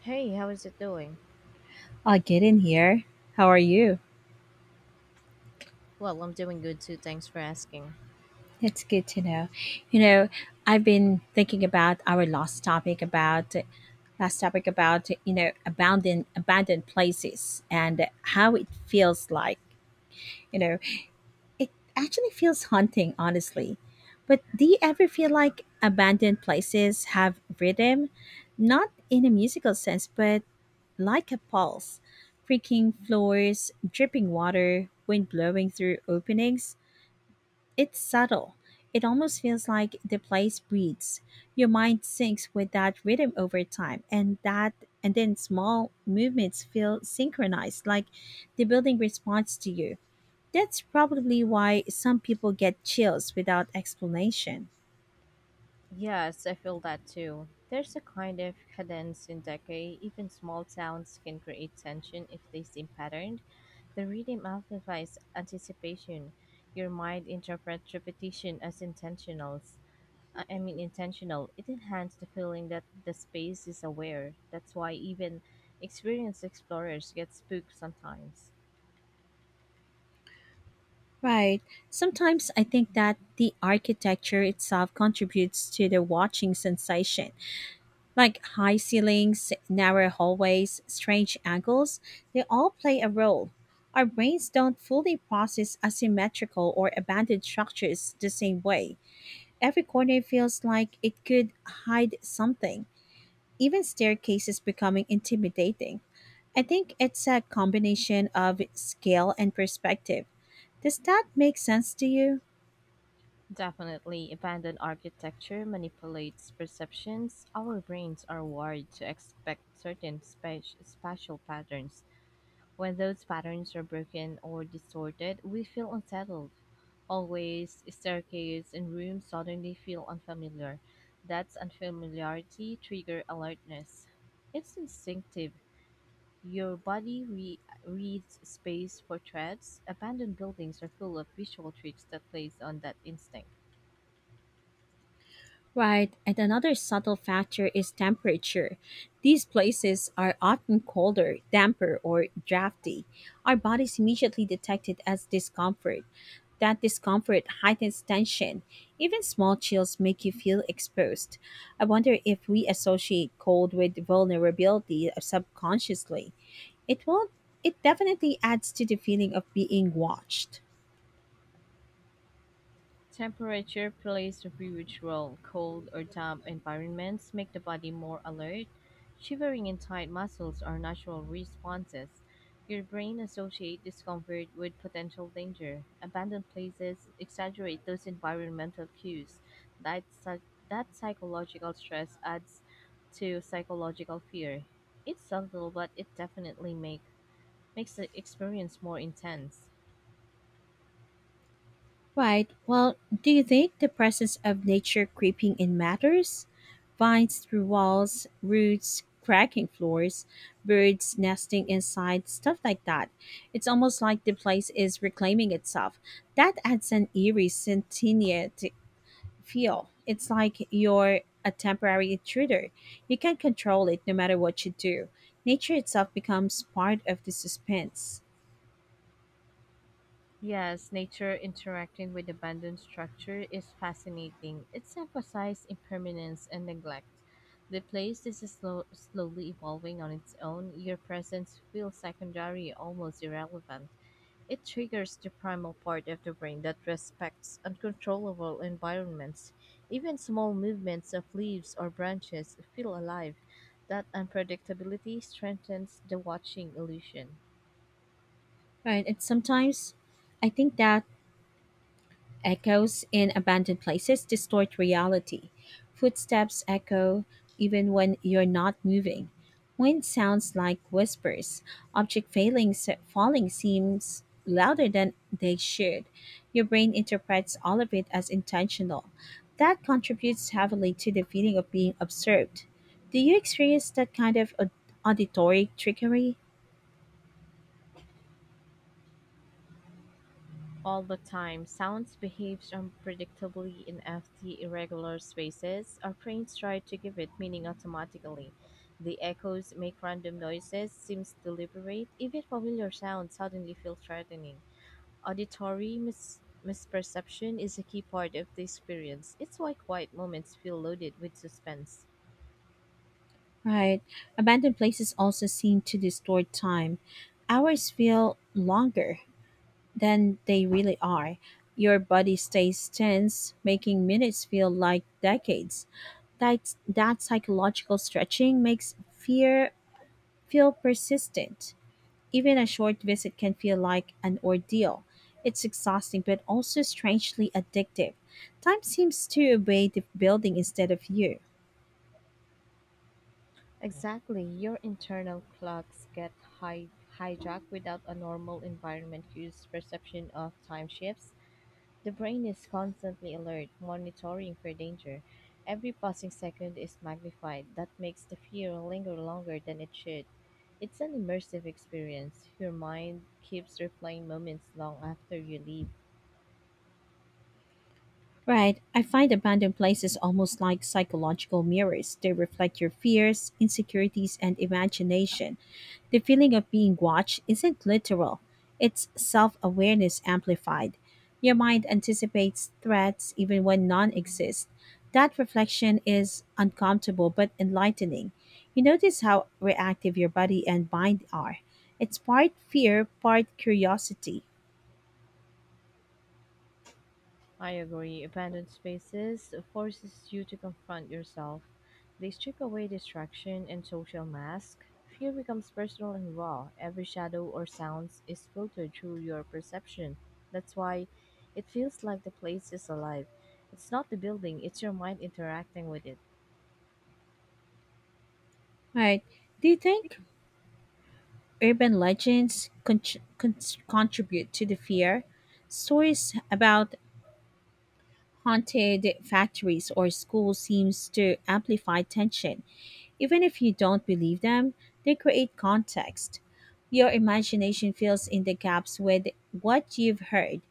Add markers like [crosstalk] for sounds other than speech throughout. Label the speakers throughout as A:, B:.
A: Hey, how is it doing?
B: I get in here. How are you?
A: Well, I'm doing good too, thanks for asking.
B: That's good to know. You know, I've been thinking about our last topic about abandoned places and how it feels like. You know, it actually feels haunting, honestly. But do you ever feel like abandoned places have rhythm, not in a musical sense, but like a pulse? Creaking floors, dripping water, wind blowing through openings. It's subtle. It almost feels like the place breathes. Your mind syncs with that rhythm over time, and that and then small movements feel synchronized, like the building responds to you. That's probably why some people get chills without explanation.
A: Yes, I feel that too. There's a kind of cadence in decay. Even small sounds can create tension if they seem patterned. The rhythm amplifies anticipation. Your mind interprets repetition as intentionals. I mean intentional. It enhances the feeling that the space is aware. That's why even experienced explorers get spooked sometimes.
B: Right. Sometimes I think that the architecture itself contributes to the watching sensation. Like high ceilings, narrow hallways, strange angles, they all play a role. Our brains don't fully process asymmetrical or abandoned structures the same way. Every corner feels like it could hide something, even staircases becoming intimidating. I think it's a combination of scale and perspective. Does that make sense to you?
A: Definitely, abandoned architecture manipulates perceptions. Our brains are wired to expect certain spatial patterns. When those patterns are broken or distorted, we feel unsettled. Hallways, staircases, and rooms suddenly feel unfamiliar. That's unfamiliarity trigger alertness. It's instinctive. Your body reads space for threats. Abandoned buildings are full of visual tricks that plays on that instinct.
B: Right, and another subtle factor is temperature. These places are often colder, damper, or drafty. Our bodies immediately detect it as discomfort. That discomfort heightens tension. Even small chills make you feel exposed. I wonder if we associate cold with vulnerability subconsciously. It will not it definitely adds to the feeling of being watched.
A: Temperature plays a huge role. Cold or damp environments make the body more alert. Shivering and tight muscles are natural responses. Your brain associates discomfort with potential danger. Abandoned places exaggerate those environmental cues. That, psy- that psychological stress adds to psychological fear. It's subtle, but it definitely makes the experience more intense.
B: Right. Well, do you think the presence of nature creeping in matters? Vines through walls, roots cracking floors, birds nesting inside, stuff like that. It's almost like the place is reclaiming itself. That adds an eerie sentient feel. It's like you're a temporary intruder. You can't control it no matter what you do. Nature itself becomes part of the suspense.
A: Yes, nature interacting with abandoned structure is fascinating. It's emphasized impermanence and neglect. The place is slowly evolving on its own. Your presence feels secondary, almost irrelevant. It triggers the primal part of the brain that respects uncontrollable environments. Even small movements of leaves or branches feel alive. That unpredictability strengthens the watching illusion.
B: Right. And sometimes I think that echoes in abandoned places distort reality. Footsteps echo even when you're not moving. Wind sounds like whispers. Object failing, Falling seems louder than they should. Your brain interprets all of it as intentional. That contributes heavily to the feeling of being observed. Do you experience that kind of auditory trickery?
A: All the time, sounds behaves unpredictably in FT irregular spaces. Our brains try to give it meaning automatically. The echoes make random noises, seems deliberate. Even familiar sounds suddenly feel threatening. Auditory misperception is a key part of the experience. It's why quiet moments feel loaded with suspense.
B: Right. Abandoned places also seem to distort time. Hours feel longer than they really are. Your body stays tense, making minutes feel like decades. That psychological stretching makes fear feel persistent. Even a short visit can feel like an ordeal. It's exhausting, but also strangely addictive. Time seems to obey the building instead of you.
A: Exactly, your internal clocks get hi- hijacked without a normal environment cues perception of time shifts. The brain is constantly alert, monitoring for danger. Every passing second is magnified. That makes the fear linger longer than it should. It's an immersive experience. Your mind keeps replaying moments long after you leave.
B: Right. I find abandoned places almost like psychological mirrors. They reflect your fears, insecurities, and imagination. The feeling of being watched isn't literal, it's self awareness amplified. Your mind anticipates threats even when none exist. That reflection is uncomfortable but enlightening. You notice how reactive your body and mind are. It's part fear, part curiosity.
A: I agree. Abandoned spaces forces you to confront yourself. They strip away distraction and social mask. Fear becomes personal and raw. Every shadow or sounds is filtered through your perception. That's why it feels like the place is alive. It's not the building, it's your mind interacting with it.
B: Right. Do you think urban legends con- contribute to the fear? Stories about haunted factories or schools seems to amplify tension. Even if you don't believe them, they create context. Your imagination fills in the gaps with what you've heard.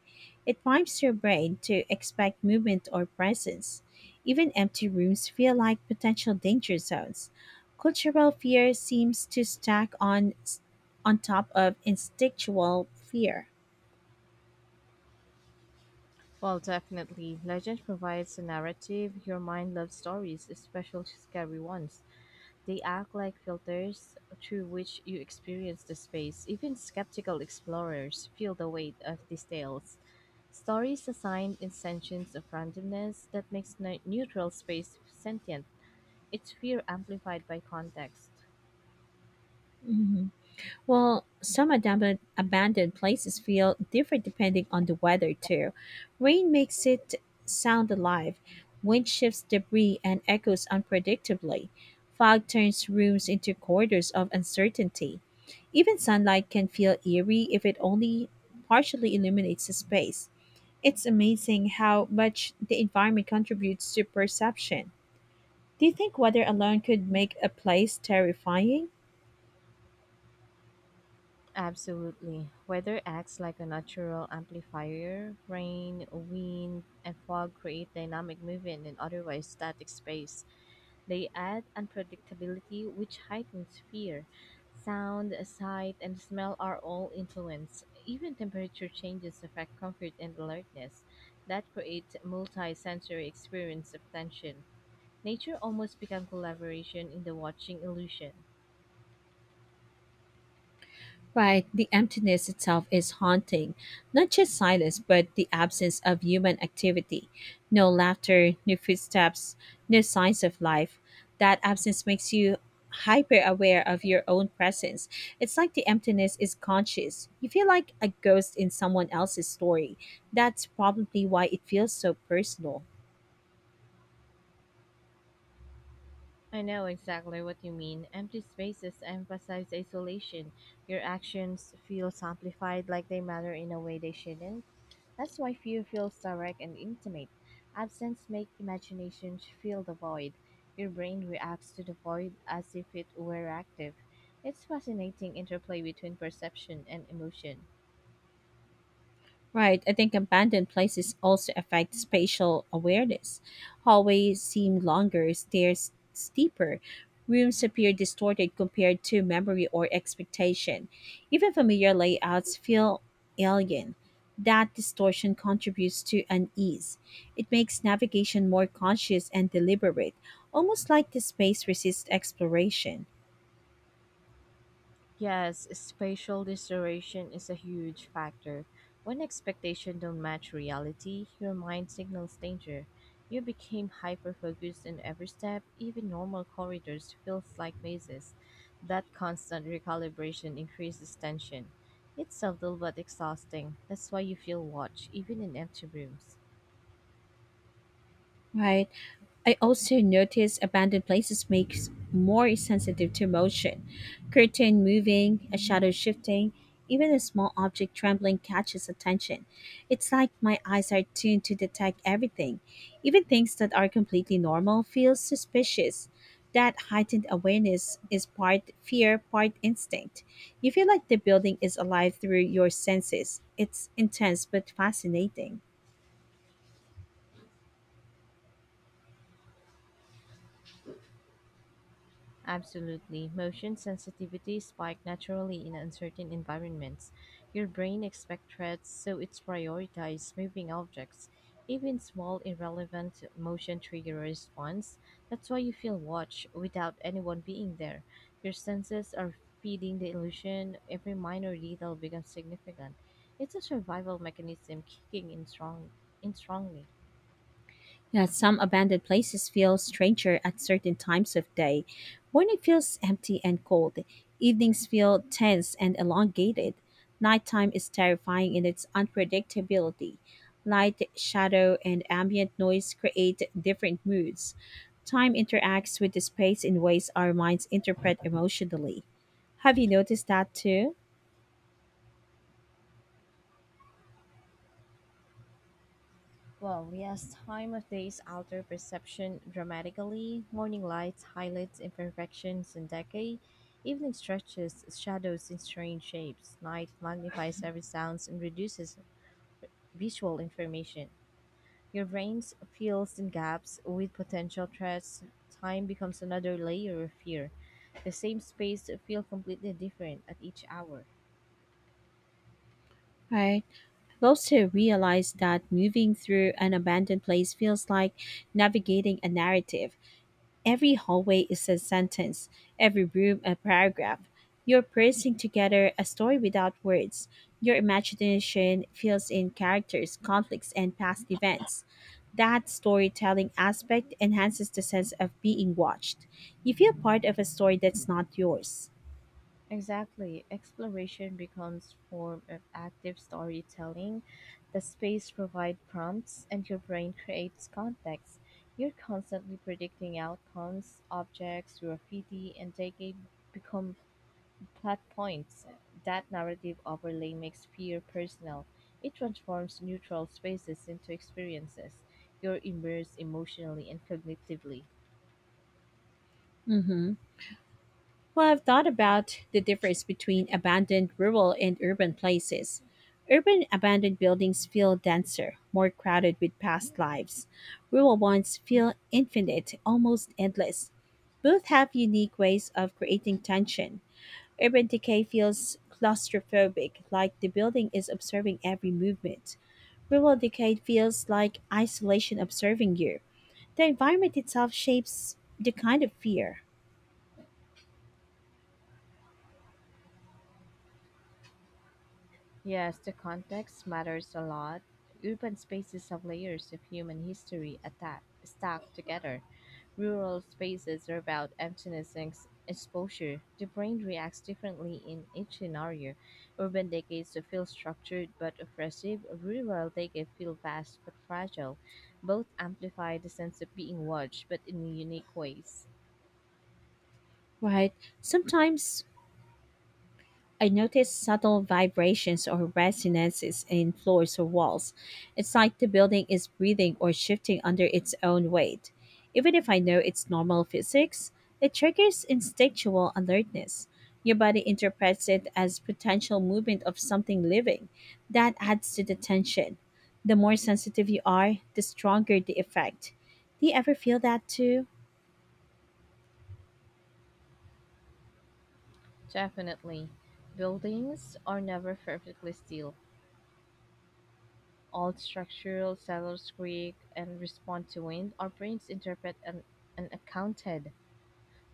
B: It primes your brain to expect movement or presence. Even empty rooms feel like potential danger zones. Cultural fear seems to stack on top of instinctual fear.
A: Well, definitely. Legend provides a narrative. Your mind loves stories, especially scary ones. They act like filters through which you experience the space. Even skeptical explorers feel the weight of these tales. Stories assign intentions of randomness that makes neutral space sentient. It's fear amplified by context.
B: Mhm. Well, some abandoned places feel different depending on the weather, too. Rain makes it sound alive, wind shifts debris and echoes unpredictably, fog turns rooms into corridors of uncertainty. Even sunlight can feel eerie if it only partially illuminates a space. It's amazing how much the environment contributes to perception. Do you think weather alone could make a place terrifying?
A: Absolutely. Weather acts like a natural amplifier. Rain, wind, and fog create dynamic movement in otherwise static space. They add unpredictability, which heightens fear. Sound, sight, and smell are all influenced. Even temperature changes affect comfort and alertness. That creates multi-sensory experience of tension. Nature almost becomes collaboration in the watching illusion.
B: Right, the emptiness itself is haunting. Not just silence, but the absence of human activity. No laughter, no footsteps, no signs of life. That absence makes you hyper aware of your own presence. It's like the emptiness is conscious. You feel like a ghost in someone else's story. That's probably why it feels so personal.
A: I know exactly what you mean. Empty spaces emphasize isolation. Your actions feel amplified like they matter in a way they shouldn't. That's why fear feels direct and intimate. Absence makes imagination fill the void. Your brain reacts to the void as if it were active. It's fascinating interplay between perception and emotion.
B: Right. I think abandoned places also affect spatial awareness. Hallways seem longer, stairs steeper, rooms appear distorted compared to memory or expectation. Even familiar layouts feel alien. That distortion contributes to unease. It makes navigation more conscious and deliberate, almost like the space resists exploration.
A: Yes, spatial distortion is a huge factor. When expectations don't match reality, your mind signals danger. You become hyper-focused in every step, even normal corridors feels like mazes. That constant recalibration increases tension. It's subtle but exhausting. That's why you feel watched, even in empty rooms.
B: Right. I also notice abandoned places makes more sensitive to motion. Curtain moving, a shadow shifting, even a small object trembling catches attention. It's like my eyes are tuned to detect everything. Even things that are completely normal feel suspicious. That heightened awareness is part fear, part instinct. You feel like the building is alive through your senses. It's intense but fascinating.
A: Absolutely. Motion sensitivity spike naturally in uncertain environments. Your brain expects threats, so it's prioritizes moving objects. Even small irrelevant motion trigger a response. That's why you feel watched without anyone being there. Your senses are feeding the illusion. Every minor detail becomes significant. It's a survival mechanism kicking in strongly.
B: Yeah, some abandoned places feel stranger at certain times of day. Morning feels empty and cold. Evenings feel tense and elongated. Nighttime is terrifying in its unpredictability. Light, shadow, and ambient noise create different moods. Time interacts with the space in ways our minds interpret emotionally. Have you noticed that too?
A: Well, yes, time of days alter perception dramatically. Morning light highlights imperfections and decay. Evening stretches shadows in strange shapes. Night magnifies every sounds and reduces visual information. Your brain fills in gaps with potential threats. Time becomes another layer of fear. The same space feel completely different at each hour.
B: Right. I've also realized that moving through an abandoned place feels like navigating a narrative. Every hallway is a sentence, every room a paragraph. You're piecing together a story without words. Your imagination fills in characters, conflicts, and past events. That storytelling aspect enhances the sense of being watched. You feel part of a story that's not yours.
A: Exactly. Exploration becomes form of active storytelling. The space provides prompts and your brain creates context. You're constantly predicting outcomes, objects, graffiti, and become plot points. That narrative overlay makes fear personal. It transforms neutral spaces into experiences. You're immersed emotionally and cognitively.
B: Hmm. Well, I've thought about the difference between abandoned rural and urban places. Urban abandoned buildings feel denser, more crowded with past lives. Rural ones feel infinite, almost endless. Both have unique ways of creating tension. Urban decay feels claustrophobic, like the building is observing every movement. Rural decay feels like isolation observing you. The environment itself shapes the kind of fear,
A: Yes, the context matters a lot. Urban spaces have layers of human history stacked together. Rural spaces are about emptiness and exposure. The brain reacts differently in each scenario. Urban decades feel structured but oppressive. Rural decades feel vast but fragile. Both amplify the sense of being watched, but in unique ways.
B: right? Sometimes I notice subtle vibrations or resonances in floors or walls. It's like the building is breathing or shifting under its own weight. Even if I know it's normal physics, it triggers instinctual alertness. Your body interprets it as potential movement of something living. That adds to the tension. The more sensitive you are, the stronger the effect. Do you ever feel that too?
A: Definitely. Buildings are never perfectly still. All structural sailors creak and respond to wind. Our brains interpret an accounted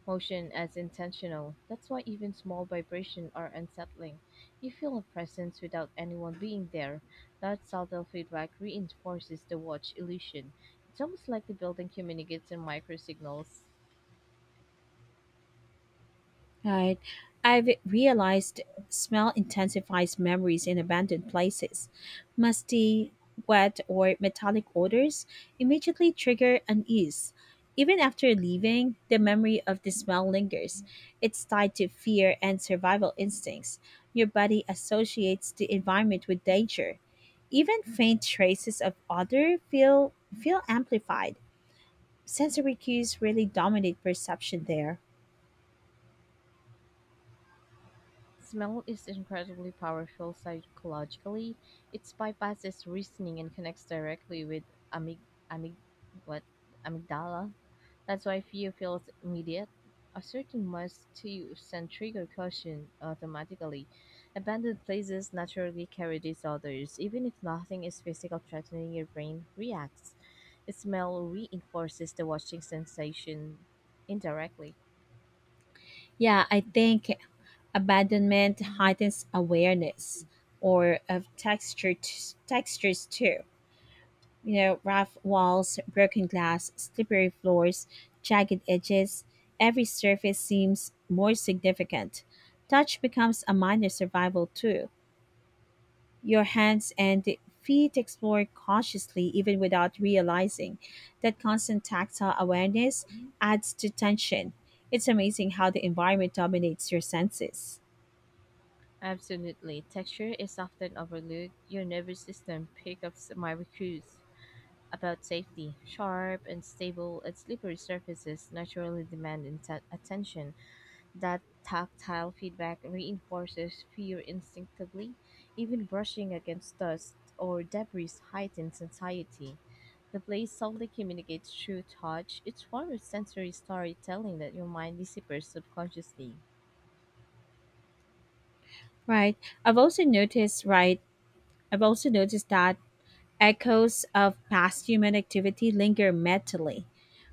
A: motion as intentional. That's why even small vibrations are unsettling. You feel a presence without anyone being there. That subtle feedback reinforces the watch illusion. It's almost like the building communicates in micro signals.
B: Right. I've realized smell intensifies memories in abandoned places. Musty, wet, or metallic odors immediately trigger unease. Even after leaving, the memory of the smell lingers. It's tied to fear and survival instincts. Your body associates the environment with danger. Even faint traces of odor feel amplified. Sensory cues really dominate perception there.
A: Smell is incredibly powerful psychologically. It bypasses reasoning and connects directly with amyg- amyg- what? Amygdala. That's why fear feels immediate. Asserting must to use and trigger caution automatically. Abandoned places naturally carry disorders. Even if nothing is physical threatening, your brain reacts. Smell reinforces the watching sensation indirectly.
B: Yeah, I think abandonment heightens awareness or of texture textures too. You know, rough walls, broken glass, slippery floors, jagged edges, every surface seems more significant. Touch becomes a minor survival tool. Your hands and feet explore cautiously even without realizing that constant tactile awareness adds to tension. It's amazing how the environment dominates your senses.
A: Absolutely. Texture is often overlooked. Your nervous system picks up my cues about safety. Sharp and stable and slippery surfaces naturally demand attention. That tactile feedback reinforces fear instinctively. Even brushing against dust or debris heightens anxiety. The place subtly communicates through touch. It's form of sensory storytelling that your mind deciphers subconsciously.
B: Right. I've also noticed, right, I've also noticed that echoes of past human activity linger mentally.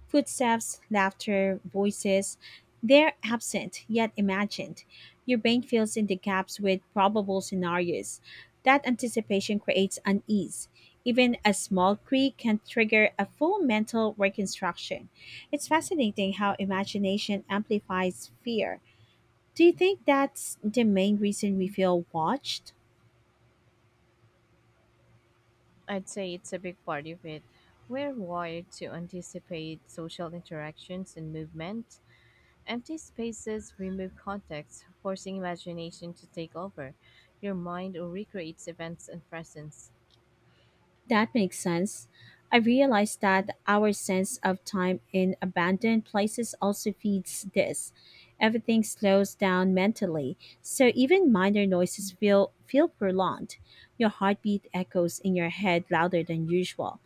B: Footsteps, laughter, voices, they're absent yet imagined. Your brain fills in the gaps with probable scenarios. That anticipation creates unease. Even a small creak can trigger a full mental reconstruction. It's fascinating how imagination amplifies fear. Do you think that's the main reason we feel watched?
A: I'd say it's a big part of it. We're wired to anticipate social interactions and movement. Empty spaces remove context, forcing imagination to take over. Your mind recreates events and presence.
B: That makes sense. I realized that our sense of time in abandoned places also feeds this. Everything slows down mentally, so even minor noises feel prolonged. Your heartbeat echoes in your head louder than usual.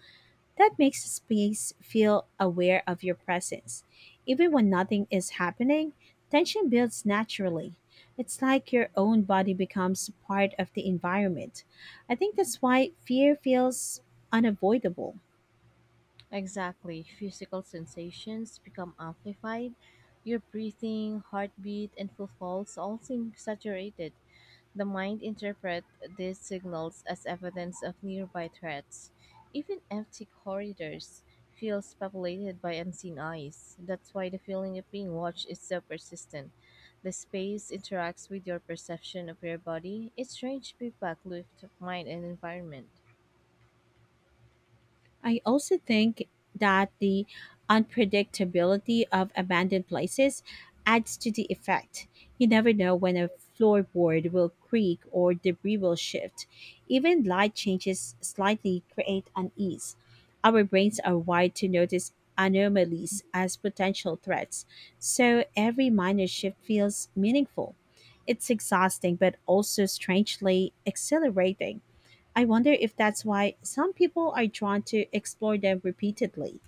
B: That makes the space feel aware of your presence. Even when nothing is happening, tension builds naturally. It's like your own body becomes part of the environment. I think that's why fear feels unavoidable.
A: Exactly. Physical sensations become amplified. Your breathing, heartbeat, and pulse all seem saturated. The mind interprets these signals as evidence of nearby threats. Even empty corridors feels populated by unseen eyes. That's why the feeling of being watched is so persistent. The space interacts with your perception of your body. It's strange feedback loop of mind and environment.
B: I also think that the unpredictability of abandoned places adds to the effect. You never know when a floorboard will creak or debris will shift. Even light changes slightly create unease. Our brains are wired to notice anomalies as potential threats, so every minor shift feels meaningful. It's exhausting, but also strangely exhilarating. I wonder if that's why some people are drawn to explore them repeatedly.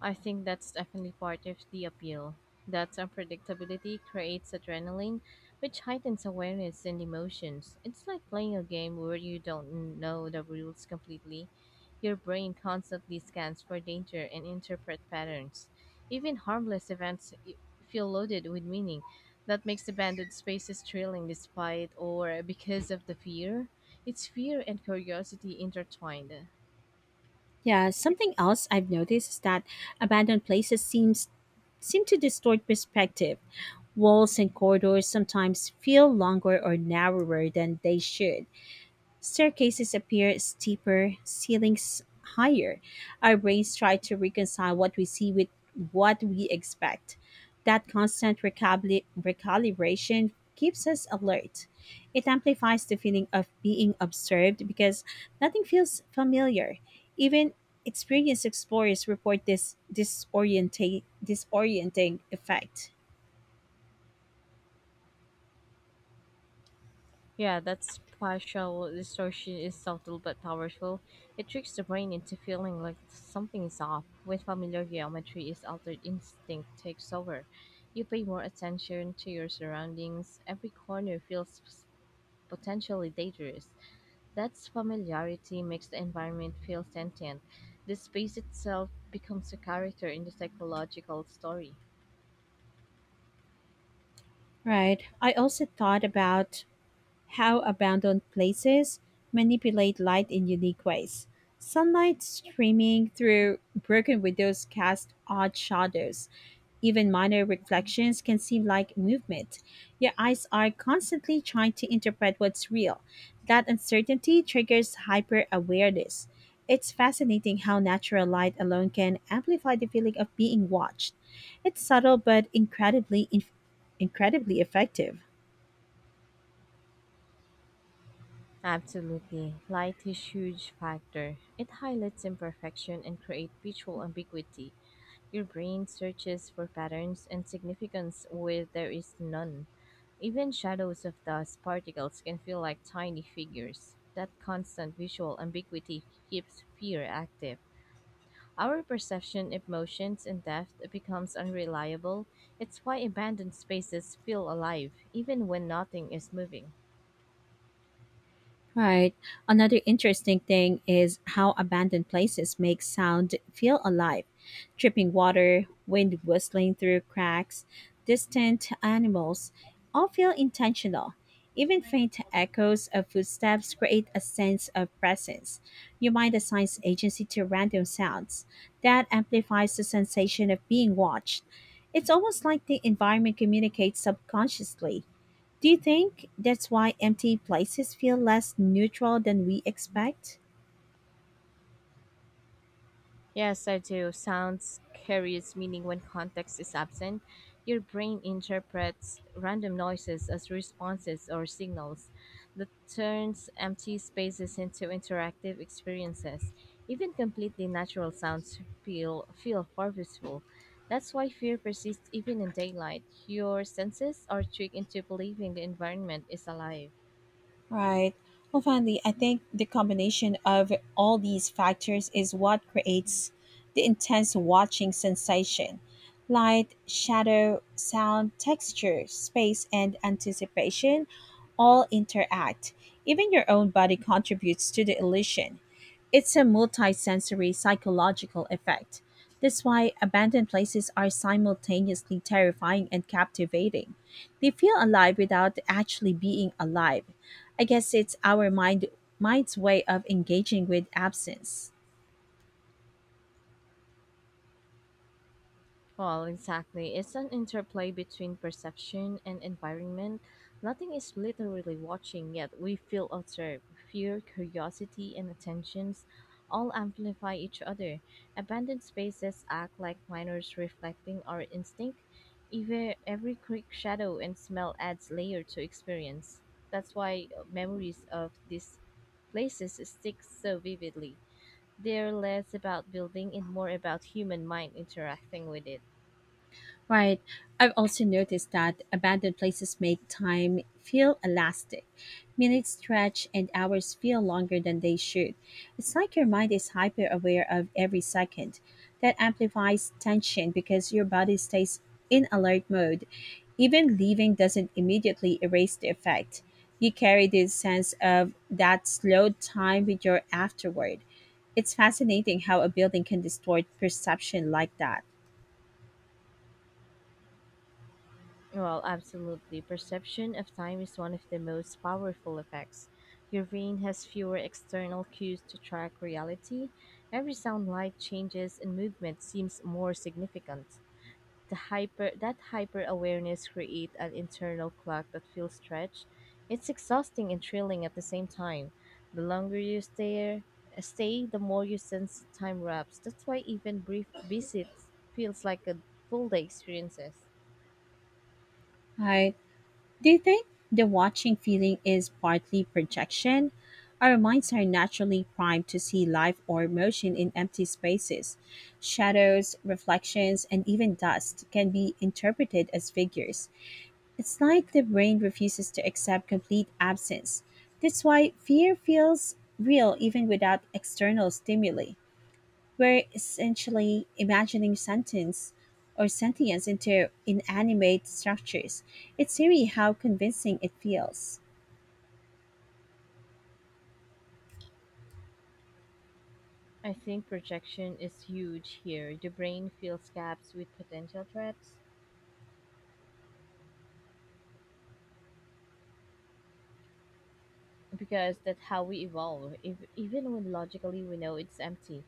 A: I think that's definitely part of the appeal. That unpredictability creates adrenaline, which heightens awareness and emotions. It's like playing a game where you don't know the rules completely. Your brain constantly scans for danger and interpret patterns. Even harmless feel loaded with meaning. That makes abandoned spaces thrilling despite or because of the fear. It's fear and curiosity intertwined.
B: Yeah, something else I've noticed is that abandoned places seem to distort perspective. Walls and corridors sometimes feel longer or narrower than they should. Staircases appear steeper, ceilings higher. Our brains try to reconcile what we see with what we expect. That constant recalibration keeps us alert. It amplifies the feeling of being observed because nothing feels familiar. Even experienced explorers report this disorienting effect.
A: Yeah, that spatial distortion is subtle but powerful. It tricks the brain into feeling like something is off. When familiar geometry is altered, instinct takes over. You pay more attention to your surroundings. Every corner feels potentially dangerous. That familiarity makes the environment feel sentient. The space itself becomes a character in the psychological story.
B: Right. I also thought about how abandoned places manipulate light in unique ways. Sunlight streaming through broken windows casts odd shadows. Even minor reflections can seem like movement. Your eyes are constantly trying to interpret what's real. That uncertainty triggers hyper awareness. It's fascinating how natural light alone can amplify the feeling of being watched. It's subtle but incredibly effective.
A: Absolutely. Light is huge factor. It highlights imperfection and creates visual ambiguity. Your brain searches for patterns and significance where there is none. Even shadows of dust particles can feel like tiny figures. That constant visual ambiguity keeps fear active. Our perception of motions and depth becomes unreliable. It's why abandoned spaces feel alive, even when nothing is moving.
B: Right. Another interesting thing is how abandoned places make sound feel alive. Dripping water, wind whistling through cracks, distant animals all feel intentional. Even faint echoes of footsteps create a sense of presence. Your mind assigns agency to random sounds. That amplifies the sensation of being watched. It's almost like the environment communicates subconsciously. Do you think that's why empty places feel less neutral than we expect?
A: Yes, I do. Sounds carries meaning when context is absent. Your brain interprets random noises as responses or signals that turns empty spaces into interactive experiences. Even completely natural sounds feel purposeful. That's why fear persists even in daylight. Your senses are tricked into believing the environment is alive.
B: Right. Well, finally, I think the combination of all these factors is what creates the intense watching sensation: light, shadow, sound, texture, space, and anticipation all interact. Even your own body contributes to the illusion. It's a multisensory psychological effect. That's why abandoned places are simultaneously terrifying and captivating. They feel alive without actually being alive. I guess it's our mind's way of engaging with absence.
A: Well, exactly. It's an interplay between perception and environment. Nothing is literally watching, yet we feel observed. Fear, curiosity, and attentions all amplify each other. Abandoned spaces act like minors reflecting our instinct. Even every quick shadow and smell adds layer to experience. That's why memories of these places stick so vividly. They're less about building and more about human mind interacting with it.
B: Right. I've also noticed that abandoned places make time feel elastic. Minutes stretch and hours feel longer than they should. It's like your mind is hyper aware of every second. That amplifies tension because your body stays in alert mode. Even leaving doesn't immediately erase the effect. You carry this sense of that slowed time with your afterward. It's fascinating how a building can distort perception like that.
A: Well, absolutely. Perception of time is one of the most powerful effects. Your brain has fewer external cues to track reality. Every sound, light changes, and movement seems more significant. The hyper that hyper awareness creates an internal clock that feels stretched. It's exhausting and thrilling at the same time. The longer you stay, the more you sense time wraps. That's why even brief visits feels like a full day experiences.
B: Right. Do you think the watching feeling is partly projection? Our minds are naturally primed to see life or motion in empty spaces. Shadows, reflections, and even dust can be interpreted as figures. It's like the brain refuses to accept complete absence. That's why fear feels real even without external stimuli. We're essentially imagining sentence or sentience into inanimate structures. It's eerie how convincing it feels.
A: I think projection is huge here. The brain fills gaps with potential threats because that's how we evolve. If, Even when logically we know it's empty,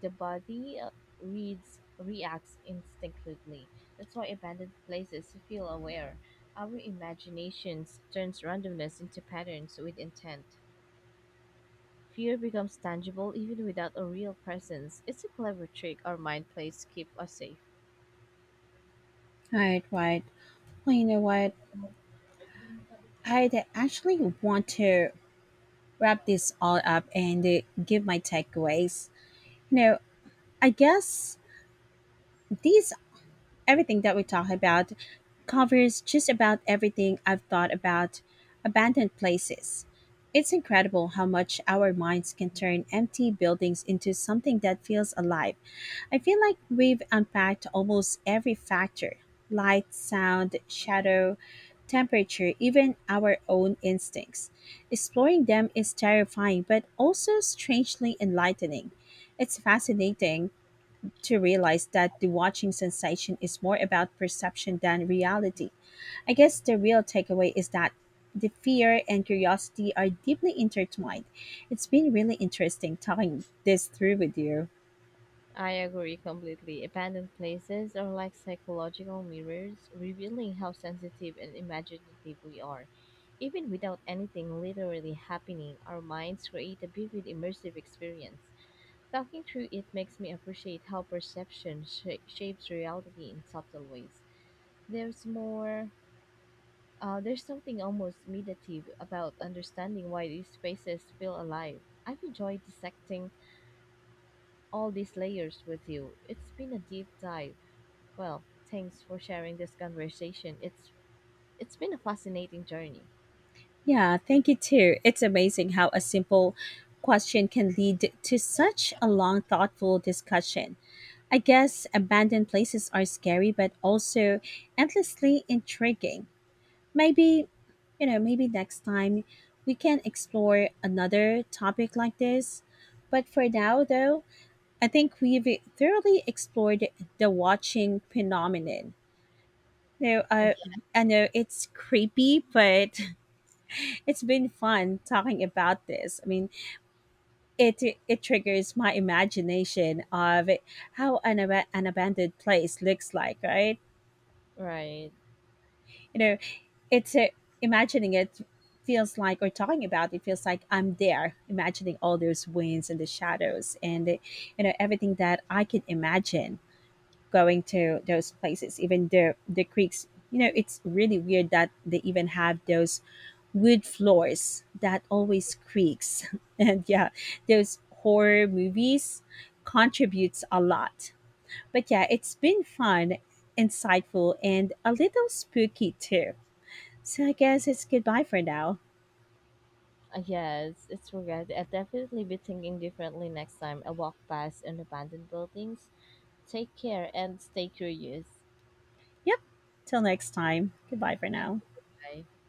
A: the body reads reacts instinctively. That's why abandoned places feel aware. Our imaginations turns randomness into patterns with intent. Fear becomes tangible even without a real presence. It's a clever trick our mind plays to keep us safe.
B: All right, right. Well, you know what? I'd actually want to wrap this all up and give my takeaways. You know, I guess these everything that we talk about covers just about everything I've thought about abandoned places. It's incredible how much our minds can turn empty buildings into something that feels alive. I feel like we've unpacked almost every factor: light, sound, shadow, temperature, even our own instincts. Exploring them is terrifying, but also strangely enlightening. It's fascinating to realize that the watching sensation is more about perception than reality. I guess the real takeaway is that the fear and curiosity are deeply intertwined. It's been really interesting talking this through with you.
A: I agree completely. Abandoned places are like psychological mirrors, revealing how sensitive and imaginative we are. Even without anything literally happening, our minds create a vivid, immersive experience. Talking through it makes me appreciate how perception shapes reality in subtle ways. There's more. There's something almost meditative about understanding why these spaces feel alive. I've enjoyed dissecting all these layers with you. It's been a deep dive. Well, thanks for sharing this conversation. It's been a fascinating journey.
B: Yeah, thank you too. It's amazing how a simple question can lead to such a long, thoughtful discussion. I guess abandoned places are scary, but also endlessly intriguing. Maybe, you know, maybe next time we can explore another topic like this. But for now, though, I think we've thoroughly explored the watching phenomenon. No,
A: Uh,
B: I know it's creepy, but [laughs] it's been fun talking about this. I mean, it it triggers my imagination of how an abandoned place looks like, right?
A: yeah, right.
B: You know, it's a, imagining it feels like, or talking about it feels like I'm there, imagining all those winds and the shadows and you know, everything that I could imagine going to those places, even the creeks. You know, it's really weird that they even have those wood floors that always creaks. [laughs] And yeah, those horror movies contributes a lot, but yeah, it's been fun, insightful, and a little spooky too. So I guess it's goodbye for now.
A: Yes, it's regret. I'll definitely be thinking differently next time I walk past an abandoned buildings. Take care and stay curious.
B: Yep. Till next time. Goodbye for
A: Thank
B: now.
A: you. Bye.